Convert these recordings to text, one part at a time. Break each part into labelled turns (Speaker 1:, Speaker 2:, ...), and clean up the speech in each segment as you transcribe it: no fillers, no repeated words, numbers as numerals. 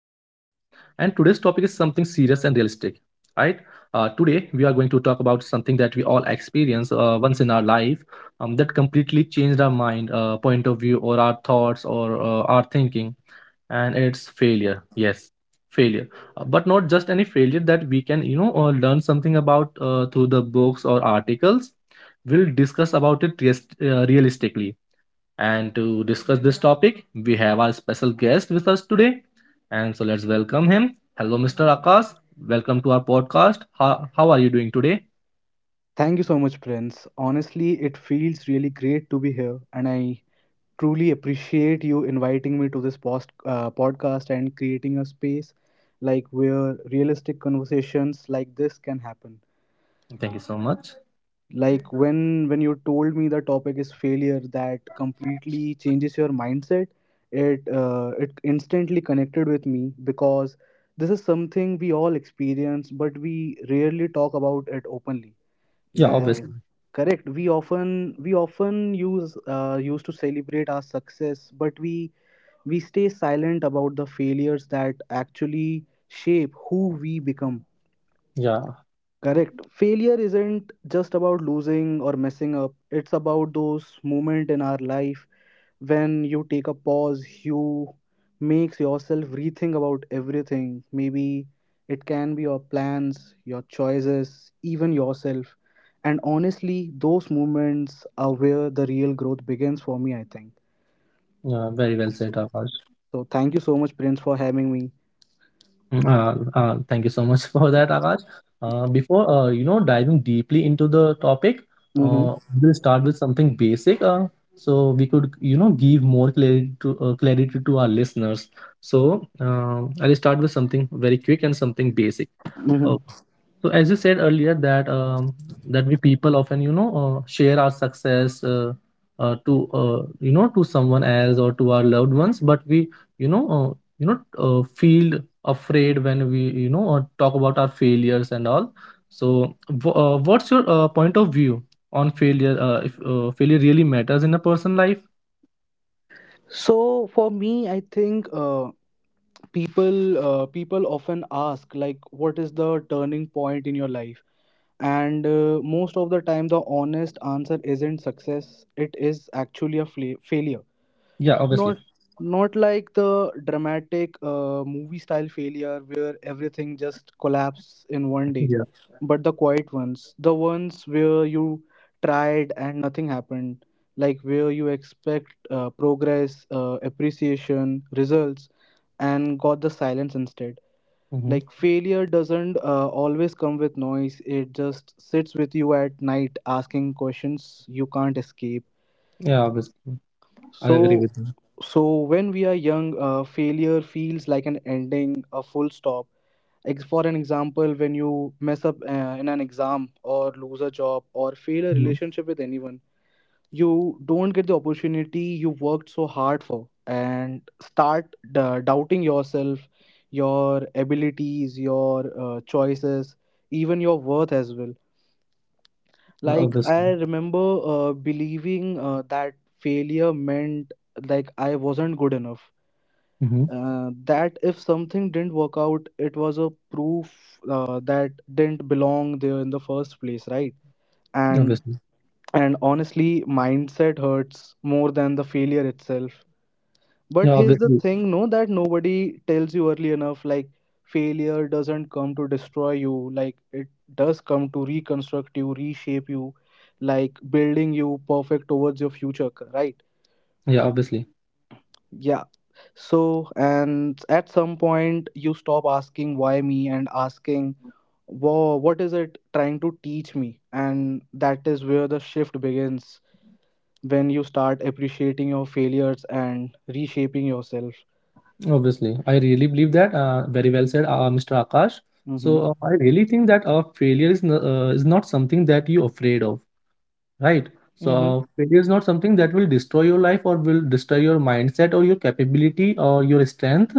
Speaker 1: topic is something serious and realistic, right? Today, we are going to talk about something that we all experience once in our life that completely changed our mind, point of view, or our thoughts, or our thinking, and it's failure. Yes, failure. But not just any failure that we can, you know, learn something about through the books or articles. We'll discuss about it realistically, and to discuss this topic, we have our special guest with us today. And so let's welcome him. Hello, Mr. Akash. Welcome to our podcast. How are you doing today?
Speaker 2: Thank you so much, Prince. Honestly, it feels really great to be here, and I truly appreciate you inviting me to this post, podcast and creating a space like where realistic conversations like this can happen.
Speaker 1: Thank you so much.
Speaker 2: Like when you told me the topic is failure, that completely changes your mindset. It it instantly connected with me because this is something we all experience, but we rarely talk about it openly,
Speaker 1: Yeah,
Speaker 2: like,
Speaker 1: obviously.
Speaker 2: correct. We often used to celebrate our success, but we stay silent about the failures that actually shape who we become.
Speaker 1: Yeah,
Speaker 2: Correct. Failure isn't just about losing or messing up. It's about those moments in our life when you take a pause, you makes yourself rethink about everything. Maybe it can be your plans, your choices, even yourself. And honestly, those moments are where the real growth begins for me, I think.
Speaker 1: yeah, very well said, Akash.
Speaker 2: So thank you so much, Prince, for having me.
Speaker 1: Mm. Thank you so much for that, Akash. Before you know, diving deeply into the topic,
Speaker 2: Mm-hmm.
Speaker 1: uh, we'll start with something basic, so we could, you know, give more clarity to clarity to our listeners. So I'll start with something very quick and something basic. Uh,
Speaker 2: Mm-hmm.
Speaker 1: so as you said earlier that that we people often, you know, share our success, to you know, to someone else or to our loved ones, but we, you know, you know feel afraid when we, you know, talk about our failures and all. So what's your point of view on failure, if failure really matters in a person life?
Speaker 2: So for me, I think people often ask like what is the turning point in your life and most of the time the honest answer isn't success, it is actually a failure.
Speaker 1: Yeah,
Speaker 2: Not
Speaker 1: obviously.
Speaker 2: not like the dramatic movie style failure where everything just collapses in one day,
Speaker 1: Yeah.
Speaker 2: but the quiet ones, the ones where you tried and nothing happened, like where you expect progress, appreciation, results, and got the silence instead.
Speaker 1: Hmm.
Speaker 2: Like failure doesn't always come with noise, it just sits with you at night asking questions you can't escape.
Speaker 1: Yeah, obviously. I agree
Speaker 2: So,
Speaker 1: with you.
Speaker 2: so when we are young, failure feels like an ending, a full stop. For an example, when you mess up in an exam or lose a job or fail a
Speaker 1: Mm-hmm.
Speaker 2: relationship with anyone, you don't get the opportunity you worked so hard for and start doubting yourself, your abilities, your choices, even your worth as well.
Speaker 1: Yeah,
Speaker 2: Like
Speaker 1: obviously.
Speaker 2: I remember believing that failure meant like I wasn't good enough.
Speaker 1: Hmm.
Speaker 2: That if something didn't work out, it was a proof that didn't belong there in the first place, right? And
Speaker 1: Obviously.
Speaker 2: and honestly, mindset hurts more than the failure itself.
Speaker 1: Yeah,
Speaker 2: But here's the
Speaker 1: obviously.
Speaker 2: thing, no, that nobody tells you early enough. Like, failure doesn't come to destroy you, like, it does come to reconstruct you, reshape you, like, building you perfect towards your future, right?
Speaker 1: Yeah, obviously.
Speaker 2: Yeah. So, and at some point, you stop asking why me and asking, wow, what is it trying to teach me? And that is where the shift begins when you start appreciating your failures and reshaping yourself.
Speaker 1: Obviously, I really believe that. Very well said, Mr. Akash. So
Speaker 2: Mm-hmm.
Speaker 1: I really think that failure is not something that you're afraid of. Right, so
Speaker 2: Mm-hmm.
Speaker 1: failure is not something that will destroy your life or will destroy your mindset or your capability or your strength,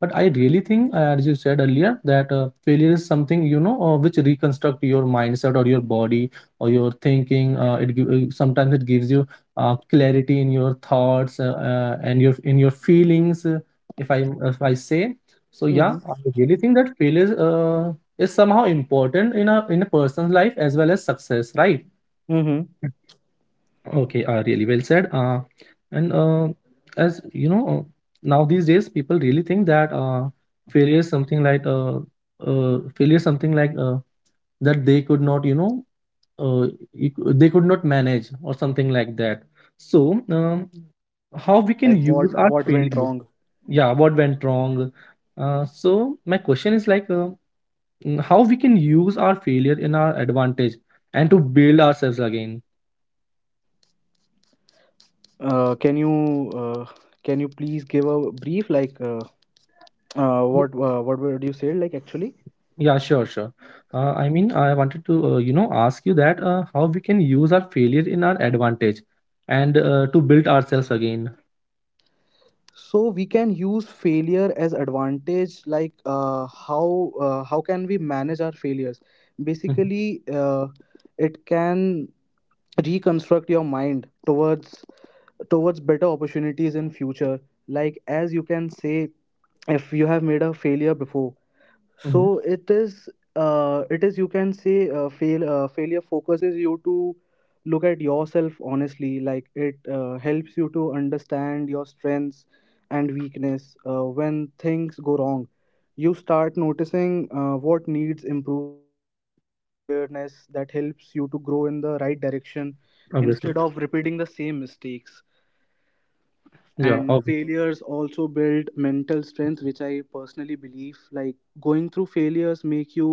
Speaker 1: but I really think, as you said earlier, that failure is something, you know, which reconstruct your mindset or your body or your thinking. Sometimes it gives you clarity in your thoughts, and your in your feelings, if I say. So yeah,
Speaker 2: Mm-hmm.
Speaker 1: I really think that failure is somehow important in a person's life as well as success, right?
Speaker 2: Mm-hmm.
Speaker 1: Okay, really well said. And as you know, now these days people really think that failure is something like uh, failure is something like, that they could not, you know, uh, they could not manage or something like that.
Speaker 2: Yeah,
Speaker 1: So,
Speaker 2: they are not able to
Speaker 1: how we
Speaker 2: understand
Speaker 1: can
Speaker 2: like what
Speaker 1: use our
Speaker 2: what went
Speaker 1: failure?
Speaker 2: wrong.
Speaker 1: Yeah, what went wrong? So my question is, like, mm, how we can use our failure in our advantage and to build ourselves again?
Speaker 2: Can you please give a brief like what would you say like actually?
Speaker 1: Yeah, sure, sure. I mean, I wanted to, you know, ask you that how we can use our failure in our advantage and to build ourselves again.
Speaker 2: So we can use failure as advantage. Like how can we manage our failures?
Speaker 1: Mm-hmm.
Speaker 2: Basically, it can reconstruct your mind towards towards better opportunities in future. Like as you can say, if you have made a failure before,
Speaker 1: Mm-hmm.
Speaker 2: so it is you can say failure focuses you to look at yourself honestly, like it helps you to understand your strengths and weakness. When things go wrong you start noticing what needs improvement. That awareness that helps you to grow in the right direction
Speaker 1: Obviously.
Speaker 2: instead of repeating the same mistakes.
Speaker 1: Yeah,
Speaker 2: And
Speaker 1: obviously.
Speaker 2: failures also build mental strength, which I personally believe, like going through failures make you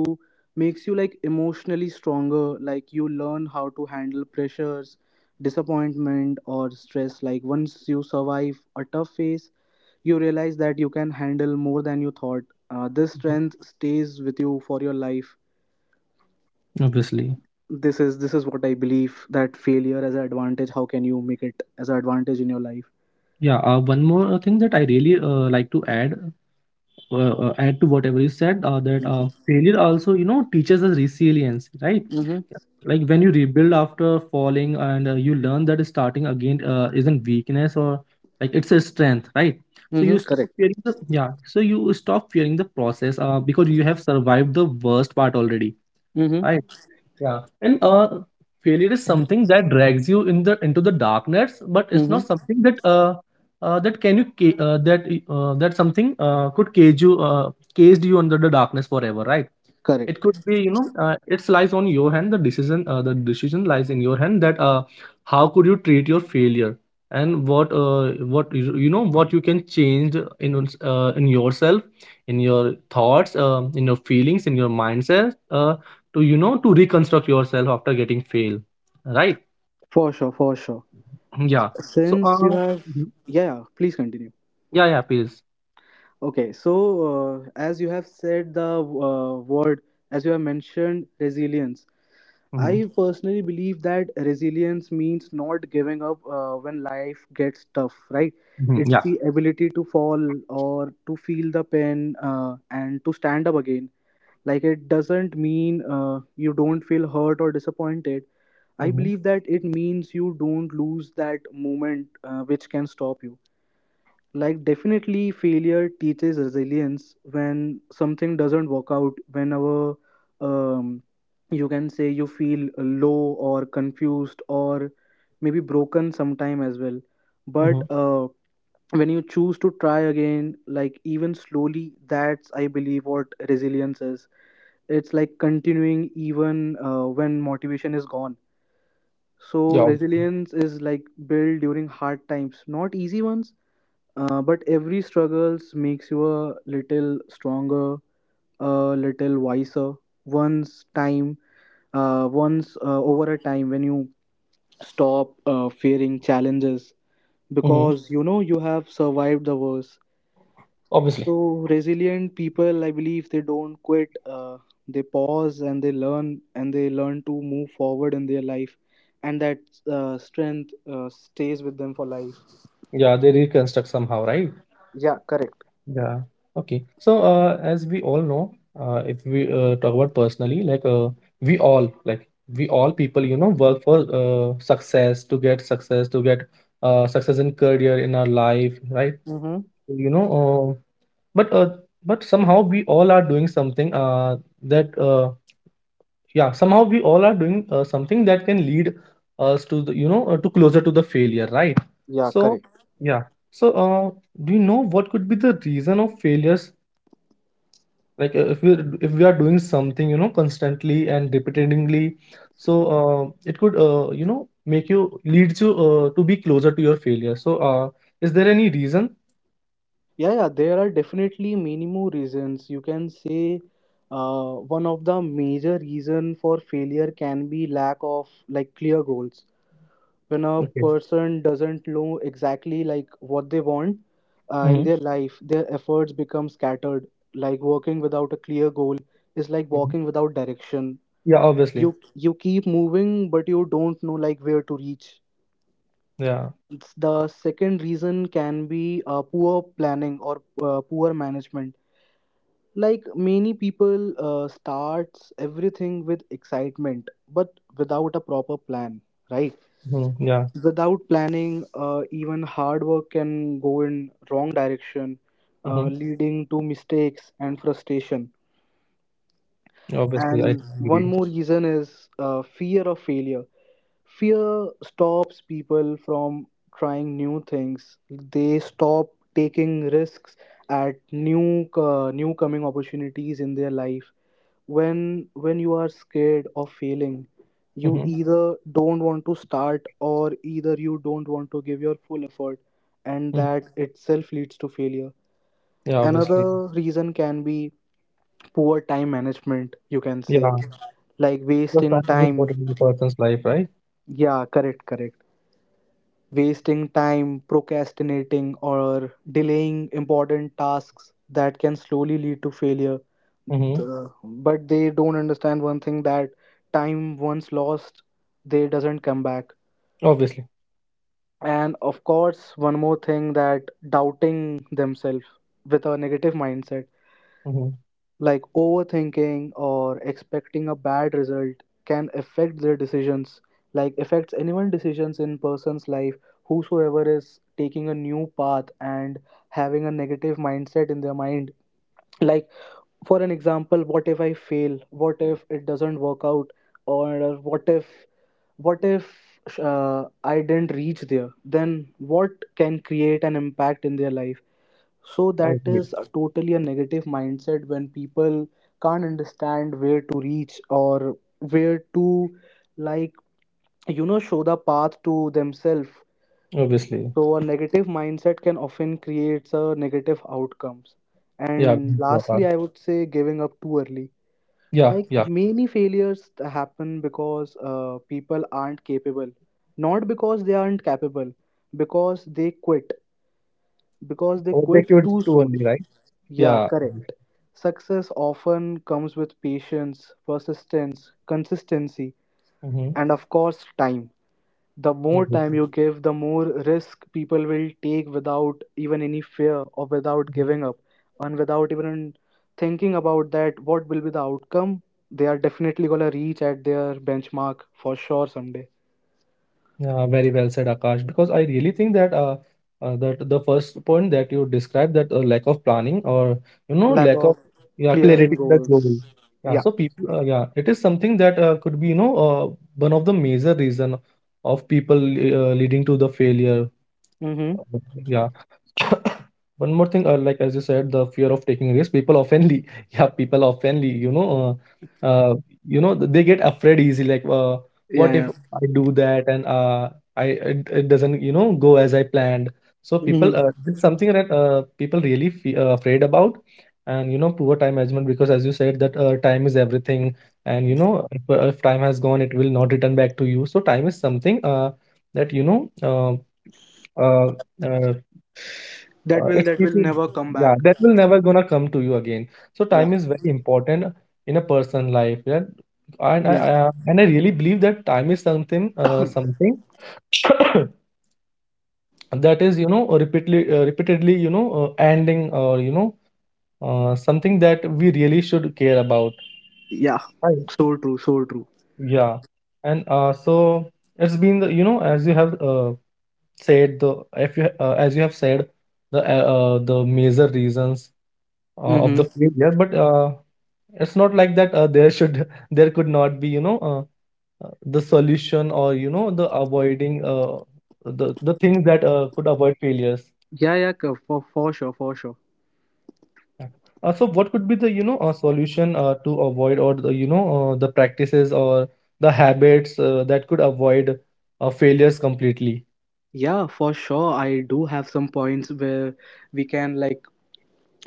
Speaker 2: makes you like emotionally stronger, like you learn how to handle pressures, disappointment or stress. Like once you survive a tough phase you realize that you can handle more than you thought. This strength stays with you for your life.
Speaker 1: Obviously.
Speaker 2: This is this is what I believe, that failure as an advantage, how can you make it as an advantage in your life.
Speaker 1: Yeah, one more thing that I really, like to add, add to whatever you said, that
Speaker 2: Mm-hmm.
Speaker 1: failure also, you know, teaches us resilience, right?
Speaker 2: Mm-hmm.
Speaker 1: Like when you rebuild after falling, and you learn that starting again isn't weakness, or like it's a strength, right? so
Speaker 2: Mm-hmm.
Speaker 1: you stop
Speaker 2: Correct.
Speaker 1: fearing the yeah so you stop fearing the process, because you have survived the worst part already,
Speaker 2: Mm-hmm.
Speaker 1: right? Yeah, and failure is something that drags you in the into the darkness, but it's not
Speaker 2: Mm-hmm.
Speaker 1: something that that can you ca- that that something, could cage you, caged you under the darkness forever, right? It could
Speaker 2: Correct.
Speaker 1: be, you know, it lies on your hand. The decision lies in your hand that how could you treat your failure and what you know, what you can change in, in yourself, in your thoughts, in your feelings, in your mindset. To, you know, to reconstruct yourself after getting fail, right?
Speaker 2: For sure, for sure.
Speaker 1: Yeah, so
Speaker 2: Since you
Speaker 1: uh,
Speaker 2: have,
Speaker 1: mhm.
Speaker 2: yeah, yeah, please continue.
Speaker 1: Yeah, yeah, please.
Speaker 2: Okay, so as you have said the word, as you have mentioned resilience,
Speaker 1: Hmm.
Speaker 2: I personally believe that resilience means not giving up when life gets tough, right?
Speaker 1: Hmm.
Speaker 2: It's
Speaker 1: Yeah.
Speaker 2: the ability to fall or to feel the pain and to stand up again. Like it doesn't mean you don't feel hurt or disappointed. I
Speaker 1: Hmm.
Speaker 2: believe that it means you don't lose that moment which can stop you. Like, definitely, failure teaches resilience. When something doesn't work out, whenever um, you can say you feel low or confused or maybe broken sometime as well. But
Speaker 1: Hmm.
Speaker 2: when you choose to try again, like, even slowly, that's, I believe, what resilience is. It's like continuing even when motivation is gone. So
Speaker 1: Yeah.
Speaker 2: resilience is like built during hard times, not easy ones. But every struggles makes you a little stronger, a little wiser. Once time, once over a time, when you stop fearing challenges,
Speaker 1: Hmm.
Speaker 2: because you know you have survived the worst.
Speaker 1: Obviously.
Speaker 2: So resilient people, I believe they don't quit. They pause and they learn to move forward in their life, and that strength stays with them for life.
Speaker 1: Yeah, they reconstruct somehow, right?
Speaker 2: Yeah, correct.
Speaker 1: Yeah. Okay, so as we all know, uh, if we, talk about personally, like uh, we all like we all people, you know, work for success, to get success, to get success in career in our life, right?
Speaker 2: Mm-hmm.
Speaker 1: You know, uh, but uh, but somehow we all are doing something, that yeah, somehow we all are doing, something that can lead us to the, you know, to closer to the failure, right?
Speaker 2: Yeah,
Speaker 1: So
Speaker 2: correct.
Speaker 1: yeah, so do you know what could be the reason of failures? Like if we are doing something, you know, constantly and repeatedly, so it could, you know, make you, leads you, to be closer to your failure. So is there any reason?
Speaker 2: Yeah, yeah, there are definitely many more reasons. You can say one of the major reason for failure can be lack of like clear goals. When a
Speaker 1: Okay.
Speaker 2: person doesn't know exactly like what they want in
Speaker 1: Hmm.
Speaker 2: their life, their efforts become scattered. Like working without a clear goal is like walking without direction.
Speaker 1: Yeah,
Speaker 2: you
Speaker 1: obviously.
Speaker 2: you keep moving but you don't know like where to reach.
Speaker 1: Yeah.
Speaker 2: The second reason can be poor planning or poor management. Like many people starts everything with excitement, but without a proper plan, right?
Speaker 1: Hmm. Yeah.
Speaker 2: Without planning, even hard work can go in wrong direction,
Speaker 1: Mhm.
Speaker 2: leading to mistakes and frustration.
Speaker 1: Obviously, I
Speaker 2: And one
Speaker 1: agree.
Speaker 2: more reason is fear of failure. Fear stops people from trying new things. They stop taking risks at new new coming opportunities in their life. When you are scared of failing, you
Speaker 1: Mm-hmm.
Speaker 2: either don't want to start or either you don't want to give your full effort, and
Speaker 1: Hmm.
Speaker 2: that itself leads to failure.
Speaker 1: Yeah, obviously.
Speaker 2: Another reason can be poor time management, you can say,
Speaker 1: Yeah,
Speaker 2: like
Speaker 1: because
Speaker 2: wasting
Speaker 1: time is
Speaker 2: time.
Speaker 1: important in a person's life, right?
Speaker 2: Yeah, correct, correct. Wasting time, procrastinating, or delaying important tasks that can slowly lead to failure.
Speaker 1: Mm-hmm.
Speaker 2: But they don't understand one thing, that time once lost, they doesn't come back.
Speaker 1: Obviously.
Speaker 2: And of course, one more thing, that doubting themselves with a negative mindset,
Speaker 1: Mm-hmm.
Speaker 2: like overthinking or expecting a bad result can affect their decisions, like affects anyone's decisions in person's life, whosoever is taking a new path and having a negative mindset in their mind. Like for an example, what if I fail? What if it doesn't work out? Or what if I didn't reach there? Then what can create an impact in their life? So
Speaker 1: I
Speaker 2: that
Speaker 1: agree.
Speaker 2: is a totally a negative mindset when people can't understand where to reach or where to, like, you know, show the path to themselves.
Speaker 1: Obviously.
Speaker 2: So a negative mindset can often create a negative outcomes.
Speaker 1: Yeah.
Speaker 2: And lastly, I would say giving up too early.
Speaker 1: Yeah.
Speaker 2: Like
Speaker 1: Yeah.
Speaker 2: many failures happen because people aren't capable, not because they aren't capable, because they quit, because they
Speaker 1: Overtake
Speaker 2: quit
Speaker 1: you
Speaker 2: too
Speaker 1: too early,
Speaker 2: soon.
Speaker 1: right?
Speaker 2: Yeah,
Speaker 1: Yeah.
Speaker 2: correct. Success often comes with patience, persistence, consistency,
Speaker 1: Mm-hmm.
Speaker 2: and of course, time. The more time
Speaker 1: Obviously.
Speaker 2: you give, the more risk people will take without even any fear or without
Speaker 1: Mhm.
Speaker 2: giving up and without even thinking about that what will be the outcome. They are definitely gonna reach at their benchmark for sure someday.
Speaker 1: Yeah, very well said, Akash. Because I really think that that the first point that you described that lack of planning or, you know,
Speaker 2: Lack
Speaker 1: lack of,
Speaker 2: of
Speaker 1: yeah,
Speaker 2: clear in
Speaker 1: clarity in the goal.
Speaker 2: goals.
Speaker 1: Yeah,
Speaker 2: Yeah.
Speaker 1: so people, yeah, it is something that could be, you know, one of the major reason of people, leading to the failure.
Speaker 2: Mm-hmm.
Speaker 1: Uh, Yeah. One more thing, like as you said, the fear of taking risk, people oftenly yeah, people oftenly, you know, uh, you know, they get afraid easy, like
Speaker 2: Yeah,
Speaker 1: what if
Speaker 2: yeah.
Speaker 1: I do that and I it, it doesn't, you know, go as I planned. So people,
Speaker 2: Mm-hmm.
Speaker 1: it's something that people really afraid about. And you know, poor time management, because as you said that time is everything, and you know, if time has gone, it will not return back to you. So time is something, that you know, uh, uh, uh, it's
Speaker 2: That will
Speaker 1: keeping,
Speaker 2: never come
Speaker 1: yeah,
Speaker 2: back.
Speaker 1: that will never gonna come to you again. So
Speaker 2: Yeah.
Speaker 1: time is very important in a person life. Yeah, and I
Speaker 2: Yeah.
Speaker 1: and I really believe that time is something, something that is, you know, repeatedly, you know, ending, or you know, something that we really should care about.
Speaker 2: Yeah,
Speaker 1: Right.
Speaker 2: so true, so true.
Speaker 1: Yeah, and so it's been the, you know, as you have, said the if you, as you have said, the major reasons of the
Speaker 2: Mm-hmm.
Speaker 1: failure, but it's not like that there should there could not be, you know, uh, the solution or, you know, the avoiding, the things that could avoid failures.
Speaker 2: Yeah, yeah, for sure, for sure.
Speaker 1: Yeah. Uh, so what could be the, you know, solution, to avoid, or the, you know, the practices or the habits, that could avoid failures completely?
Speaker 2: Yeah, for sure. I do have some points where we can like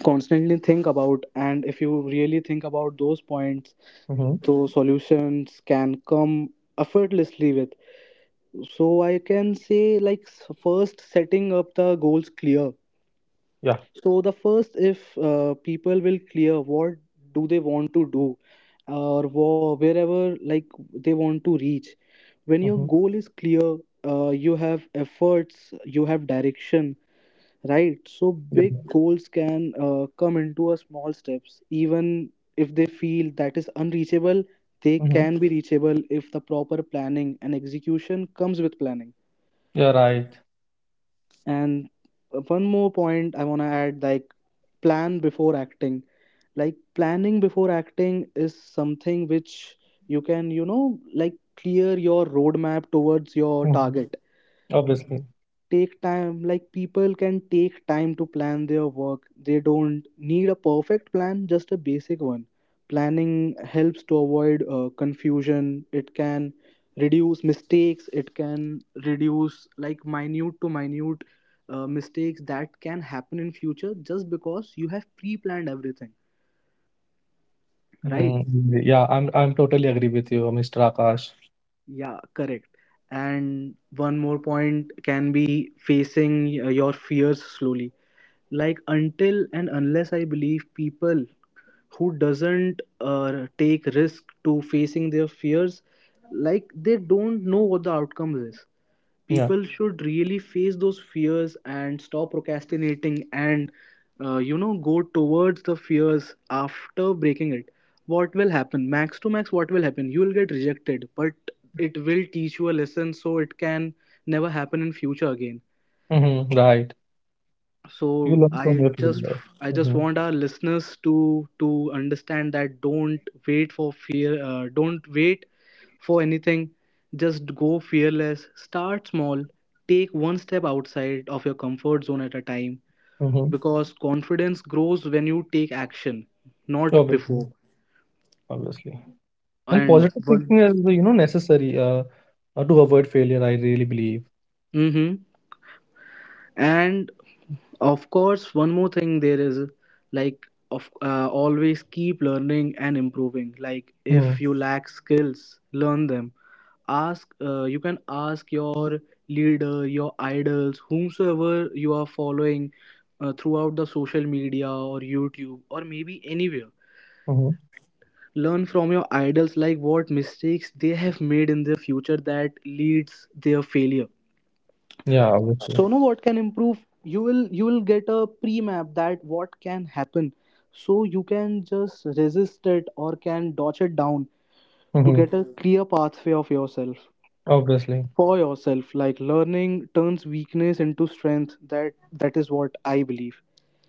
Speaker 2: constantly think about, and if you really think about those points,
Speaker 1: Mm-hmm.
Speaker 2: those solutions can come effortlessly with. So I can say like first setting up the goals clear.
Speaker 1: Yeah.
Speaker 2: So the first, if people will clear what do they want to do, or wherever like they want to reach when your
Speaker 1: Mm-hmm.
Speaker 2: goal is clear, you have efforts, you have direction, right? So
Speaker 1: Yeah.
Speaker 2: big goals can come into a small steps. Even if they feel that is unreachable, they
Speaker 1: Mm-hmm.
Speaker 2: can be reachable if the proper planning and execution comes with planning.
Speaker 1: You're right.
Speaker 2: And one more point I want to add, like plan before acting. Like planning before acting is something which you can, you know, like clear your roadmap towards your
Speaker 1: Hmm.
Speaker 2: target.
Speaker 1: Obviously.
Speaker 2: Take time, like people can take time to plan their work. They don't need a perfect plan, just a basic one. Planning helps to avoid confusion. It can reduce mistakes. It can reduce like minute to minute mistakes that can happen in future just because you have pre-planned everything, right?
Speaker 1: Mhm. Yeah, I'm totally agree with you, Mr. Akash.
Speaker 2: Yeah, correct. And one more point can be facing your fears slowly. Like, until and unless, I believe people who doesn't take risk to facing their fears, like they don't know what the outcome is.
Speaker 1: Yeah.
Speaker 2: People should really face those fears and stop procrastinating, and you know, go towards the fears after breaking it. What will happen, max to max what will happen, you will get rejected, but it will teach you a lesson so it can never happen in future again.
Speaker 1: Hmm. Right.
Speaker 2: So
Speaker 1: You learn
Speaker 2: i
Speaker 1: from your
Speaker 2: just
Speaker 1: failure.
Speaker 2: i just
Speaker 1: Mhm.
Speaker 2: want our listeners to understand that don't wait for fear. Don't wait for anything. Just go fearless, start small, take one step outside of your comfort zone at a time,
Speaker 1: Mhm.
Speaker 2: because confidence grows when you take action, not before.
Speaker 1: Obviously, obviously. And
Speaker 2: And
Speaker 1: positive
Speaker 2: one,
Speaker 1: thinking is, you know, necessary, to avoid failure, I really believe.
Speaker 2: mhm, and of course one more thing there is, like of always keep learning and improving. Like if
Speaker 1: Mm.
Speaker 2: you lack skills, learn them. Ask, you can ask your leader, your idols, whomsoever you are following throughout the social media or YouTube or maybe anywhere.
Speaker 1: Mhm.
Speaker 2: Learn from your idols, like what mistakes they have made in their future that leads their failure.
Speaker 1: Yeah, obviously.
Speaker 2: So now what can improve, you will get a pre-map that what can happen, so you can just resist it or can dodge it down to
Speaker 1: Hmm.
Speaker 2: get a clear pathway of yourself,
Speaker 1: Obviously.
Speaker 2: for yourself. Like learning turns weakness into strength. That is what I believe.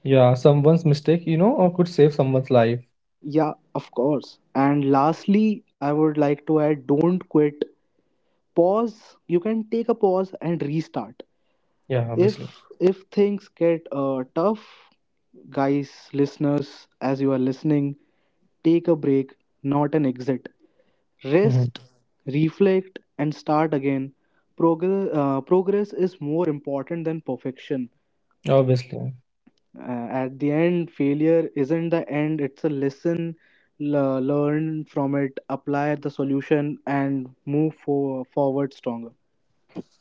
Speaker 1: Yeah, someone's mistake, you know, or could save someone's life.
Speaker 2: Yeah, of course. And lastly, I would like to add, don't quit. Pause. You can take a pause and restart.
Speaker 1: Yeah, obviously.
Speaker 2: If things get tough, guys, listeners, as you are listening, take a break, not an exit.
Speaker 1: Hmm.
Speaker 2: Rest, reflect, and start again. Progress, progress is more important than perfection.
Speaker 1: Obviously.
Speaker 2: At the end, failure isn't the end, it's a lesson. Learn from it, apply the solution, and move forward stronger.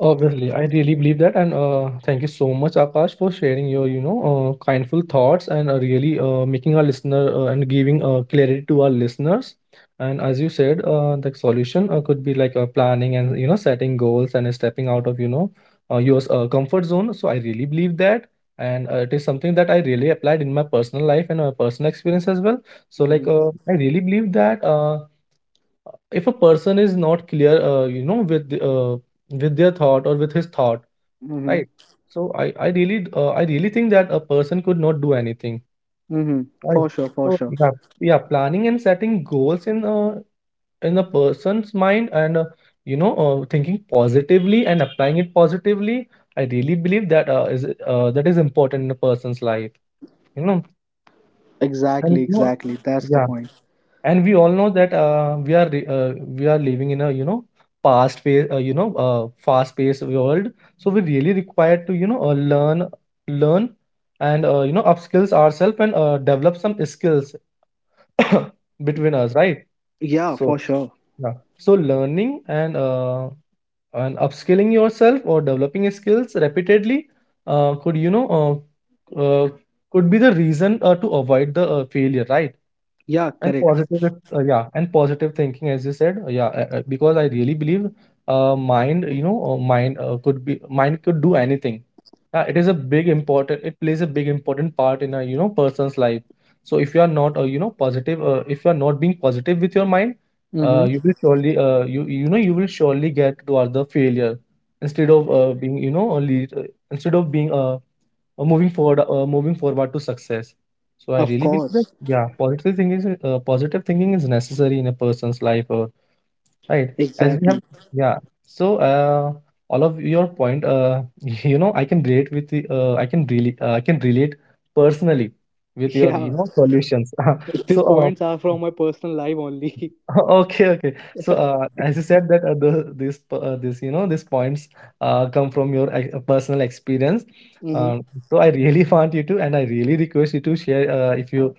Speaker 1: Obviously, I really believe that, and thank you so much, Akash, for sharing your, you know, kindful thoughts and really, making our listener and giving clarity to our listeners. And as you said, the solution, could be like planning and, you know, setting goals and stepping out of, you know, your comfort zone. So I really believe that, and it is something that I really applied in my personal life and my personal experience as well. So like
Speaker 2: Mm-hmm.
Speaker 1: I really believe that. If a person is not clear, you know, with with their thought or with his thought,
Speaker 2: Mm-hmm.
Speaker 1: right? So I really think that a person could not do anything,
Speaker 2: Mm-hmm.
Speaker 1: right?
Speaker 2: For sure, for
Speaker 1: So
Speaker 2: sure.
Speaker 1: yeah, yeah, planning and setting goals in, in a person's mind, and you know, thinking positively and applying it positively, I really believe that is that is important in a person's life, you know. And
Speaker 2: Exactly,
Speaker 1: you know,
Speaker 2: exactly. That's the
Speaker 1: yeah,
Speaker 2: point.
Speaker 1: and we all know that we are we are living in a, you know, past pace you know, fast paced world. So we really require to, you know, learn, learn, and you know, upskills ourselves, and develop some skills between us, right?
Speaker 2: Yeah,
Speaker 1: So
Speaker 2: for sure.
Speaker 1: yeah, so learning, and upskilling yourself or developing skills repeatedly could, you know, could be the reason to avoid the failure, right?
Speaker 2: Yeah,
Speaker 1: And
Speaker 2: correct.
Speaker 1: positive thinking, as you said, because I really believe, mind, you know, mind could do anything. Yeah, it is a big important, it plays a big important part in a, you know, person's life. So if you are not, you know, positive, if you are not being positive with your mind,
Speaker 2: Mm-hmm.
Speaker 1: you will surely, you will surely get towards the failure instead of being, you know, instead of being, moving forward to success. So I
Speaker 2: Of
Speaker 1: really believe that,
Speaker 2: course.
Speaker 1: yeah, positive thinking is necessary in a person's life, right, as we have.
Speaker 2: Exactly.
Speaker 1: Yeah, so all of your point you know, I can relate with I can really I can relate personally with your, you
Speaker 2: Yeah,
Speaker 1: know, solutions.
Speaker 2: these
Speaker 1: So
Speaker 2: points are from my personal life only.
Speaker 1: okay, okay. So, as you said that this, you know, these points come from your personal experience.
Speaker 2: Mm-hmm.
Speaker 1: Um, so I really want you to, and I really request you to share, if you.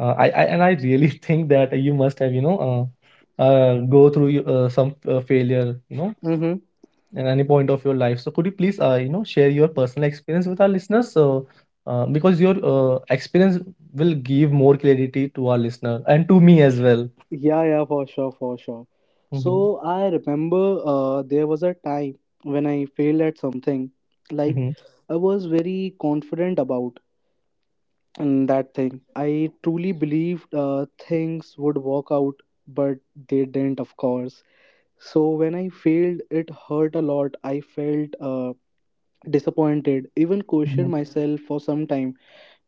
Speaker 1: I and I really think that you must have, you know, go through your, some failure, you know,
Speaker 2: Mm-hmm.
Speaker 1: at any point of your life. So could you please, you know, share your personal experience with our listeners? So because your experience will give more clarity to our listener and to me as well.
Speaker 2: Yeah, yeah, for sure, for sure.
Speaker 1: Hmm.
Speaker 2: So I remember there was a time when I failed at something. Like,
Speaker 1: Hmm.
Speaker 2: I was very confident about, and that thing I truly believed things would work out, but they didn't, of course. So when I failed, it hurt a lot. I felt disappointed, even questioned myself for some time.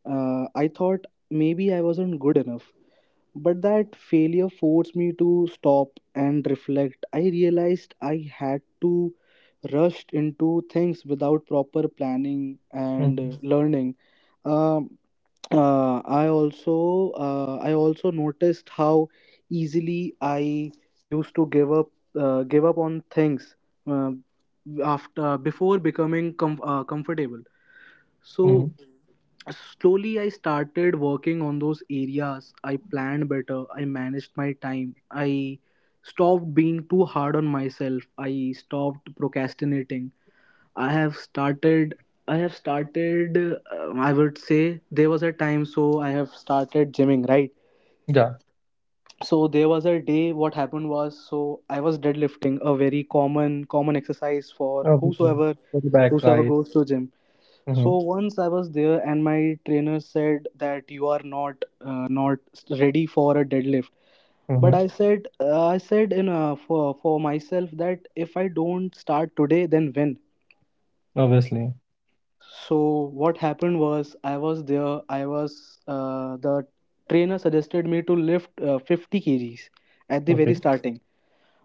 Speaker 2: I thought maybe I wasn't good enough. But that failure forced me to stop and reflect. I realized I had to rush into things without proper planning and
Speaker 1: Mhm,
Speaker 2: learning. Um I also noticed how easily I used to give up, give up on things uh, after before becoming comfortable.
Speaker 1: mhm.
Speaker 2: So slowly I started working on those areas. I planned better. I managed my time. I stopped being too hard on myself. I stopped procrastinating. I have started. I have started. I would say there was a time. So I have started gymming, right?
Speaker 1: Yeah,
Speaker 2: So there was a day. What happened was, so I was deadlifting, a very common exercise for
Speaker 1: obviously.
Speaker 2: whosoever,
Speaker 1: For the back,
Speaker 2: whosoever
Speaker 1: right?
Speaker 2: goes to gym.
Speaker 1: Mm-hmm,
Speaker 2: So once I was there, and my trainer said that you are not ready for a deadlift.
Speaker 1: mm-hmm.
Speaker 2: But I said in for myself that if I don't start today, then when?
Speaker 1: Obviously.
Speaker 2: So what happened was I was there. I was the trainer suggested me to lift 50 kg kgs at the
Speaker 1: Okay.
Speaker 2: very starting.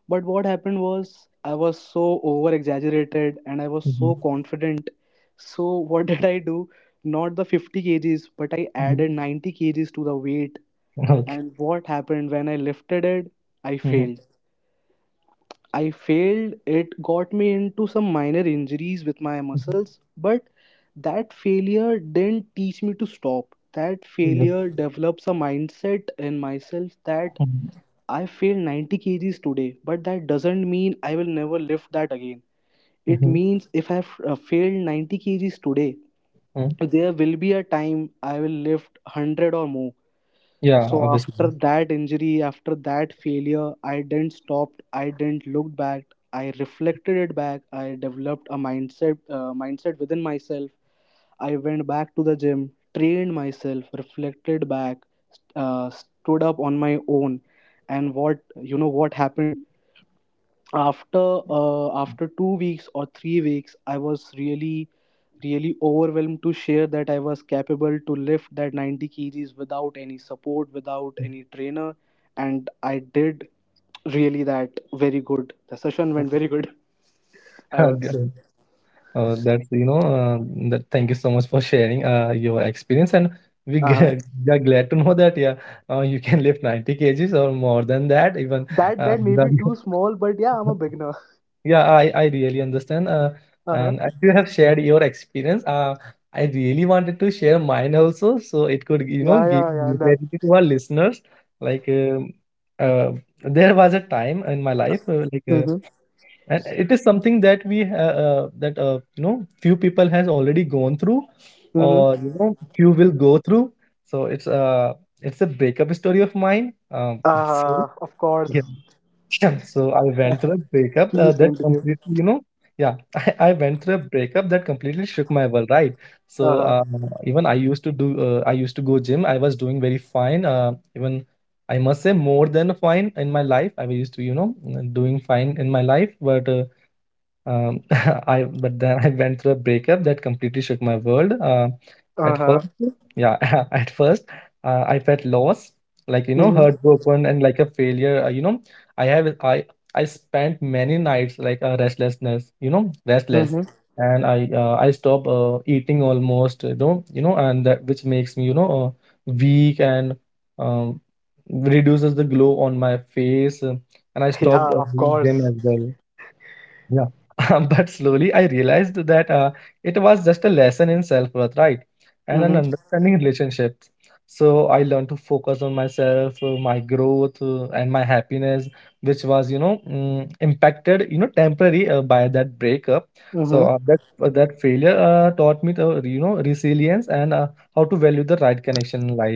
Speaker 2: But what happened was I was so over exaggerated and I was
Speaker 1: Mm-hmm,
Speaker 2: so confident. So what did I do? Not the 50 kg kgs, but I
Speaker 1: mm-hmm.
Speaker 2: added 90 kg kgs to the weight.
Speaker 1: Okay.
Speaker 2: And what happened when I lifted it? I
Speaker 1: Mm-hmm,
Speaker 2: failed. I failed. It got me into some minor injuries with my
Speaker 1: mm-hmm.
Speaker 2: muscles, but that failure didn't teach me to stop. That
Speaker 1: Yep.
Speaker 2: failure develops a mindset in myself that
Speaker 1: Mm-hmm,
Speaker 2: I failed 90 kg kgs today, but that doesn't mean I will never lift that again. It
Speaker 1: mm-hmm.
Speaker 2: means if I've failed 90 kg kgs today,
Speaker 1: Mm-hmm.
Speaker 2: there will be a time I will lift 100 or more.
Speaker 1: Yeah,
Speaker 2: So
Speaker 1: obviously.
Speaker 2: after that injury, after that failure, I didn't stop. I didn't look back. I reflected it back. I developed a mindset within myself. I went back to the gym, trained myself, reflected back, stood up on my own, and what, you know, what happened? After after 2 weeks or 3 weeks, I was really overwhelmed to share that I was capable to lift that 90 kg kgs without any support, without
Speaker 1: Mhm.
Speaker 2: any trainer. And I did really that very good, the session went very good, I would say.
Speaker 1: That's, you know, thank you so much for sharing your experience. And
Speaker 2: Uh-huh.
Speaker 1: we are glad to know that, yeah, you can lift 90 kgs or more than that, even
Speaker 2: That that may
Speaker 1: without.
Speaker 2: be too small, but yeah, I'm a beginner.
Speaker 1: Yeah, I really understand.
Speaker 2: Uh-huh.
Speaker 1: And as you have shared your experience, I really wanted to share mine also, so it could, you know,
Speaker 2: Yeah,
Speaker 1: give
Speaker 2: yeah, yeah, no.
Speaker 1: clarity to our listeners. Like, uh, there was a time in my life,
Speaker 2: Mm-hmm.
Speaker 1: and it is something that we, that you know, few people has already gone through, or
Speaker 2: Mm-hmm.
Speaker 1: you know, few will go through. So it's a breakup story of mine. So
Speaker 2: Uh-huh. Of course.
Speaker 1: yeah. So I went through a breakup
Speaker 2: Please
Speaker 1: that
Speaker 2: continue.
Speaker 1: completely, you know, yeah, I went through a breakup that completely shook my world, right? So
Speaker 2: Uh-huh.
Speaker 1: even I used to go gym. I was doing very fine. Even I must say more than fine in my life. I was used to, you know, doing fine in my life, but um, I but then I went through a breakup that completely shook my world. At first,
Speaker 2: Uh-huh.
Speaker 1: yeah, at first, I felt lost, like you know,
Speaker 2: Mm-hmm.
Speaker 1: heartbroken and like a failure. You know, I have I spent many nights like a restlessness, you know, restless,
Speaker 2: Mm-hmm.
Speaker 1: and I stop eating almost, you know, and that which makes me you know weak and um, reduces the glow on my face, and I stopped
Speaker 2: Yeah, of
Speaker 1: doing gym as
Speaker 2: course.
Speaker 1: well, yeah. But slowly I realized that it was just a lesson in self worth, right? And an
Speaker 2: Mm-hmm.
Speaker 1: understanding relationships. So I learned to focus on myself, my growth, and my happiness, which was, you know, impacted, you know, temporary by that breakup. So
Speaker 2: Mm-hmm.
Speaker 1: that failure taught me to, you know, resilience and how to value the right connection in life.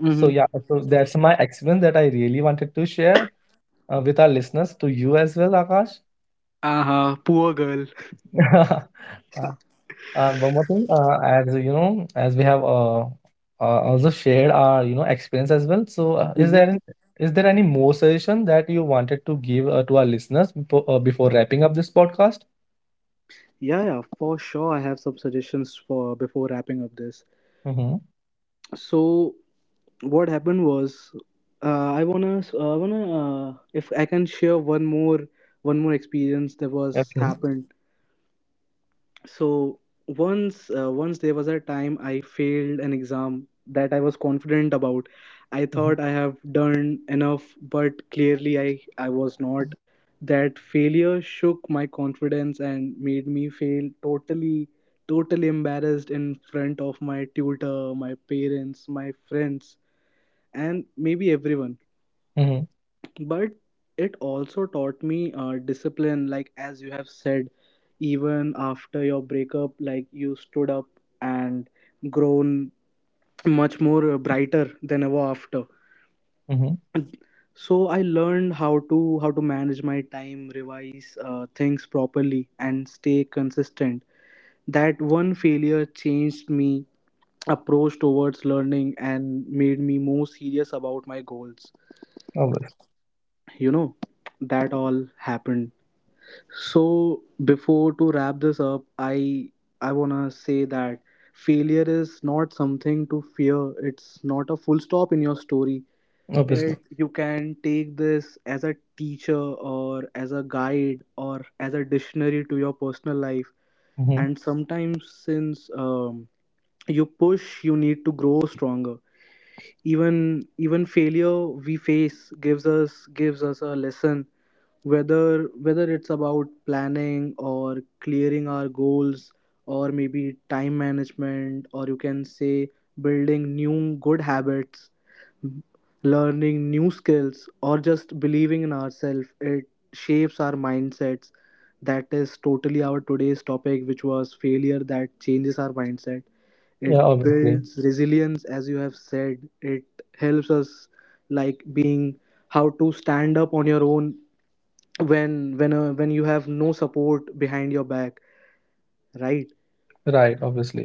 Speaker 1: So
Speaker 2: Mm-hmm.
Speaker 1: yeah, so that's my experience that I really wanted to share with our listeners, to you as well, Akash.
Speaker 2: Uh-huh. Poor girl.
Speaker 1: Uh, One more thing, as you know, as we have also shared our, you know, experience as well. So,
Speaker 2: Mm-hmm.
Speaker 1: is there any more suggestion that you wanted to give to our listeners before, before wrapping up this podcast?
Speaker 2: Yeah, yeah, for sure. I have some suggestions for before wrapping up this.
Speaker 1: Mm-hmm.
Speaker 2: So what happened was, I wanna, if I can share one more experience that was
Speaker 1: Okay.
Speaker 2: happened. So once, once there was a time I failed an exam that I was confident about. I
Speaker 1: Mm-hmm.
Speaker 2: thought I have done enough, but clearly I was not. That failure shook my confidence and made me feel totally embarrassed in front of my tutor, my parents, my friends, and maybe everyone.
Speaker 1: Mm-hmm.
Speaker 2: But it also taught me discipline. Like as you have said, even after your breakup, like you stood up and grown much more brighter than ever after.
Speaker 1: Mm-hmm.
Speaker 2: So I learned how to, how to manage my time, revise things properly, and stay consistent. That one failure changed me approach towards learning and made me more serious about my goals,
Speaker 1: Obviously.
Speaker 2: you know. That all happened. So before to wrap this up, I wanna say that failure is not something to fear. It's not a full stop in your story.
Speaker 1: Obviously.
Speaker 2: It, you can take this as a teacher or as a guide or as a dictionary to your personal life.
Speaker 1: Mm-hmm.
Speaker 2: And sometimes since you push, you need to grow stronger. Even failure we face gives us, gives us a lesson, whether it's about planning or clearing our goals or maybe time management, or you can say building new good habits, learning new skills, or just believing in ourselves. It shapes our mindsets. That is totally our today's topic, which was failure that changes our mindset.
Speaker 1: Yeah.
Speaker 2: It
Speaker 1: Obviously.
Speaker 2: builds resilience, as you have said. It helps us, like being how to stand up on your own, when you have no support behind your back, right?
Speaker 1: Right. Obviously.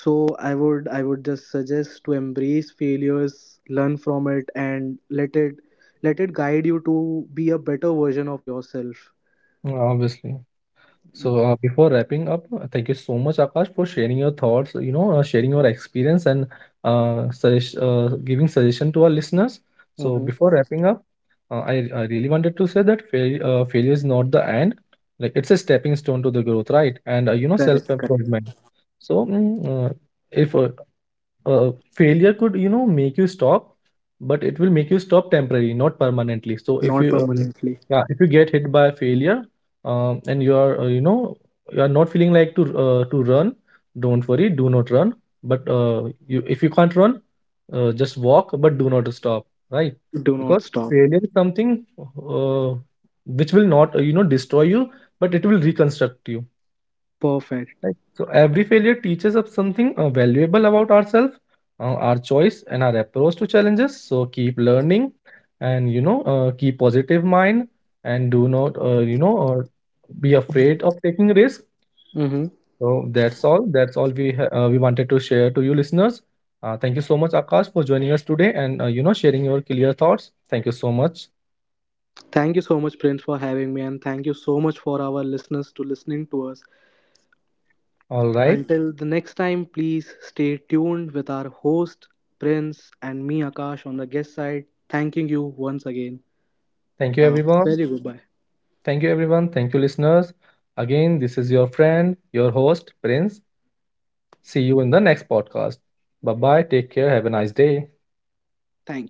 Speaker 2: So I would just suggest to embrace failures, learn from it, and let it, let it guide you to be a better version of yourself.
Speaker 1: Yeah, obviously. So, before wrapping up, thank you so much, Akash, for sharing your thoughts, you know, sharing your experience, and giving suggestion to our listeners. So, before
Speaker 2: Mm-hmm.
Speaker 1: wrapping up, I really wanted to say that failure is not the end. Like, it's a stepping stone to the growth, right? And you know,
Speaker 2: Correct, correct.
Speaker 1: self-improvement. So, if uh, failure could, you know, make you stop, but it will make you stop temporarily, not permanently. So if
Speaker 2: Not
Speaker 1: you
Speaker 2: permanently.
Speaker 1: yeah, if you get hit by a failure, and you are, you know, you are not feeling like to run, don't worry, do not run, but you, if you can't run, just walk, but do not stop, right?
Speaker 2: Do
Speaker 1: Because
Speaker 2: not stop.
Speaker 1: failure is something which will not, you know, destroy you, but it will reconstruct you.
Speaker 2: Perfect.
Speaker 1: Right. So every failure teaches us something valuable about ourselves, our choice, and our approach to challenges. So keep learning, and you know, keep positive mind, and do not, you know, be afraid of taking risk.
Speaker 2: Mm-hmm.
Speaker 1: So that's all. That's all we wanted to share to you, listeners. Thank you so much, Akash, for joining us today, and you know, sharing your clear thoughts. Thank you so much.
Speaker 2: Thank you so much, Prince, for having me, and thank you so much for our listeners to listening to us.
Speaker 1: All right.
Speaker 2: Until the next time, please stay tuned with our host, Prince, and me, Akash, on the guest side. Thanking you once again.
Speaker 1: Thank you,
Speaker 2: A
Speaker 1: everyone.
Speaker 2: very goodbye.
Speaker 1: Thank you, everyone. Thank you, listeners. Again, this is your friend, your host, Prince. See you in the next podcast. Bye bye. Take care. Have a nice day.
Speaker 2: Thank you.